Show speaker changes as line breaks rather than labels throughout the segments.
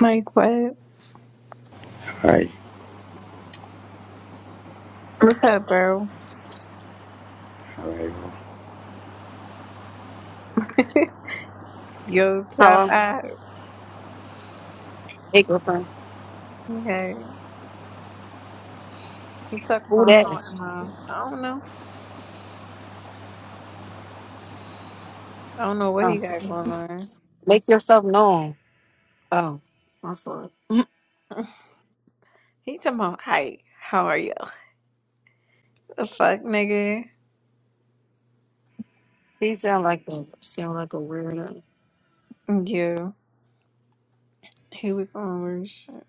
Like what?
Hi.
What's up, bro?
Hello.
Yo, top
Hello,
out.
hey girlfriend.
Okay. He talking
Who
about
that?
how am I? I don't know. I don't know what he
Oh.
got going on.
Make yourself known. Oh, my fault.
He talking about hi, how are you? The fuck nigga.
He sound like a sound like a weirdo.
Yeah. He was on weird shit.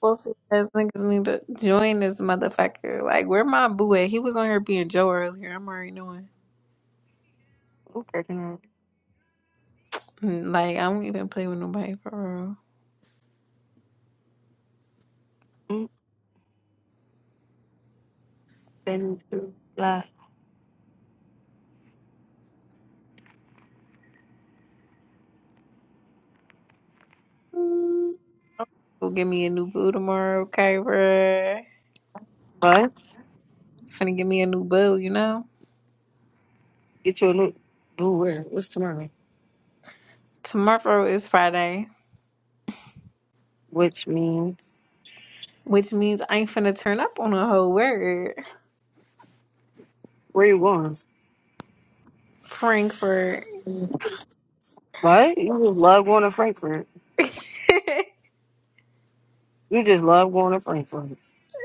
Both of us niggas need to join this motherfucker. Like where my boo at? He was on here being Joe earlier. I'm already knowing.
Okay, then.
Mm, Like I don't even play with nobody for real.
Mm, Been through a lot.
Mm. Go get me a new boo tomorrow, okay, bruh?
What?
Finna get me a new boo, you know?
Get you a new blue where? What's tomorrow?
Tomorrow is Friday,
Which means
which means I'm finna turn up on a whole word.
where you going?
Frankfurt.
What? You just love going to Frankfurt. You just love going to Frankfurt.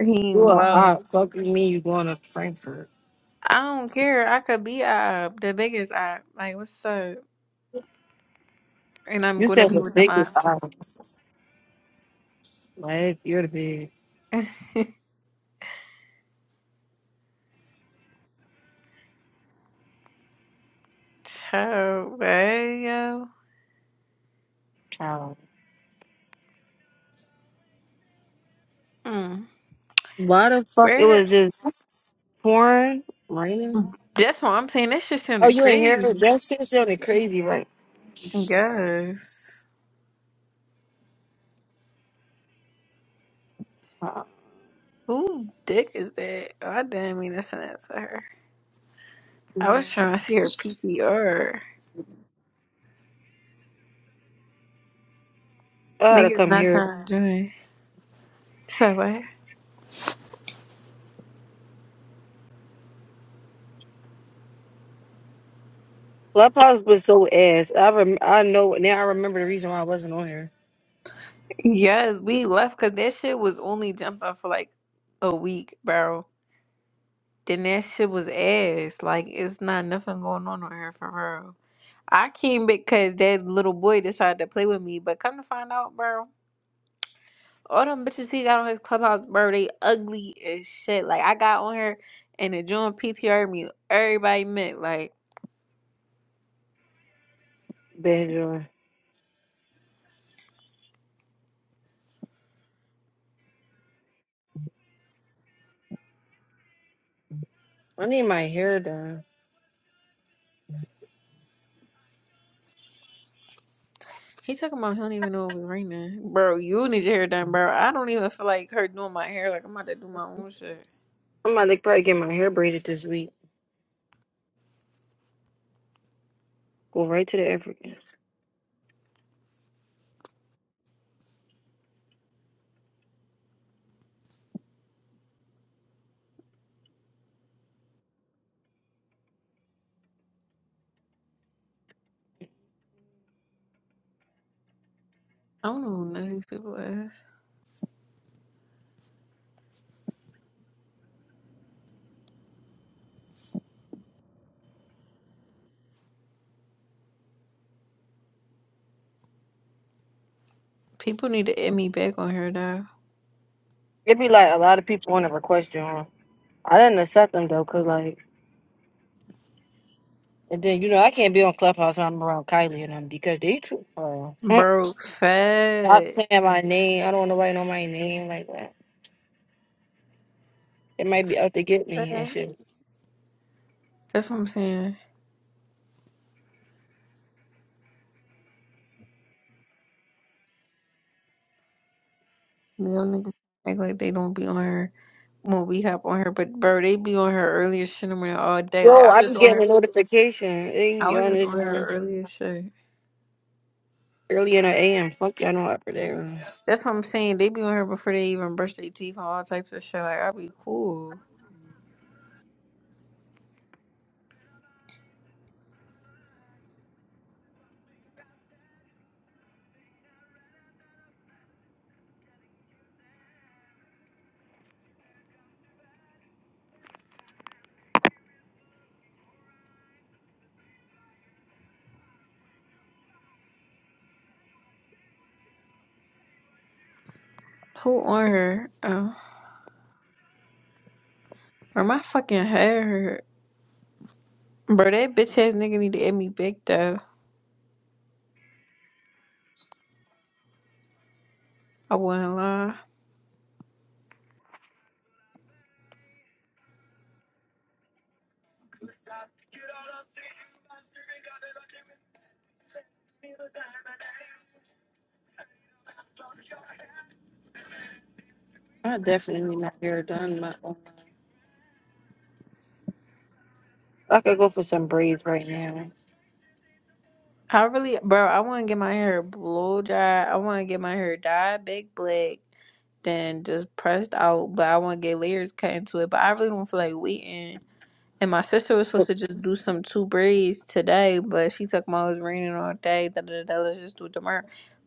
Team
You are
low.
odd. Fuck you mean you going to Frankfurt.
I don't care. I could be up, the biggest up. Like, what's up? And I'm
You
gonna
said
be
the
with them
biggest
ops.
odd. Like you're the big
Child, hey, yo.
child.
Mm.
Why the fuck it
Where?
was just pouring, raining?
That's what I'm saying. That shit
Oh,
sounded
you ain't hear it?
crazy.
That shit sounded crazy, right?
Yes.
Uh,
Who dick is that? Oh, I didn't mean to send that to her. I
I
was trying to see her PPR.
had to
Niggas
come
not
here.
trying to join. So what?
Clubhouse was so ass. I rem- I know now. I remember the reason why I wasn't on here.
Yes, we left because that shit was only jumping for like a week, bro. Then that shit was ass. Like it's not nothing going on on here for real. I came because that little boy decided to play with me, but come to find out, bro, all them bitches he got on his clubhouse, bro, they ugly as shit. Like I got on here and the joint PTR me, everybody met like.
Bad joy. I need my hair done.
He talking about he don't even know it was raining. Bro, you need your hair done, bro. I don't even feel like her doing my hair. Like, I'm about to do my own shit.
I'm about to probably get my hair braided this week. Go right to the African.
I don't know who none of these people is. People need to add me back on hair dye,
It'd be like a lot of people want to request you on. I didn't accept them though, cause like, and then you know I can't be on Clubhouse when I'm around Kylie and them because they too. uh,
Bro,
Stop
fat.
saying my name. I don't want nobody know my name like that. It might be out to get me and shit.
That's what I'm saying. Real niggas act like they don't be on her when we hop on her, but bro, they be on her earlier shit in the morning all day. Like
Yo,
I was
I
just
be
on
getting
her,
a notification. Hey,
I was
y'all
just
is
on her
on
earlier shit.
early in the AM. Fuck y'all know after there.
That's what I'm saying. They be on her before they even brush their teeth and all types of shit. Like I be cool. Who on her? Oh. Bro, my fucking head hurt. Bro, that bitch ass nigga need to get me big though. I wouldn't lie.
I definitely not here done. My I could go for some braids right now.
I really, bro, I want to get my hair blow dry. I want to get my hair dyed big black, then just pressed out. But I want to get layers cut into it. But I really don't feel like waiting. And my sister was supposed
But,
to just do some two braids today, but she took my was raining all day. Da da da. da, Let's just do it tomorrow.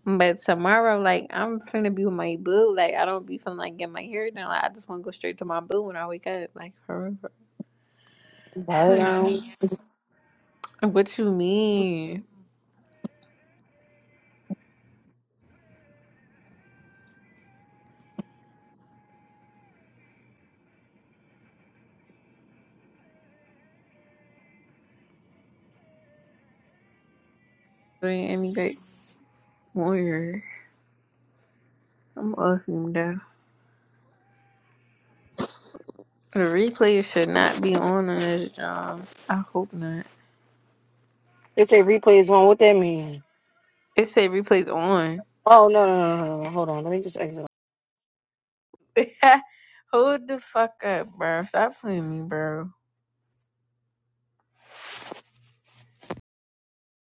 But tomorrow, like I'm finna be with my boo. Like I don't be feeling like getting my hair done. Like I just want to go straight to my boo when I wake up. Like for real. Hey,
um,
What you mean? You ain't emulate warrior. I'm off him though. The replay should not be on on this job. I hope not.
They say replay is on. What that mean?
It say replays on.
Oh no no no no! no. Hold on. Let me just exit.
Hold the fuck up, bro. Stop playing me, bro.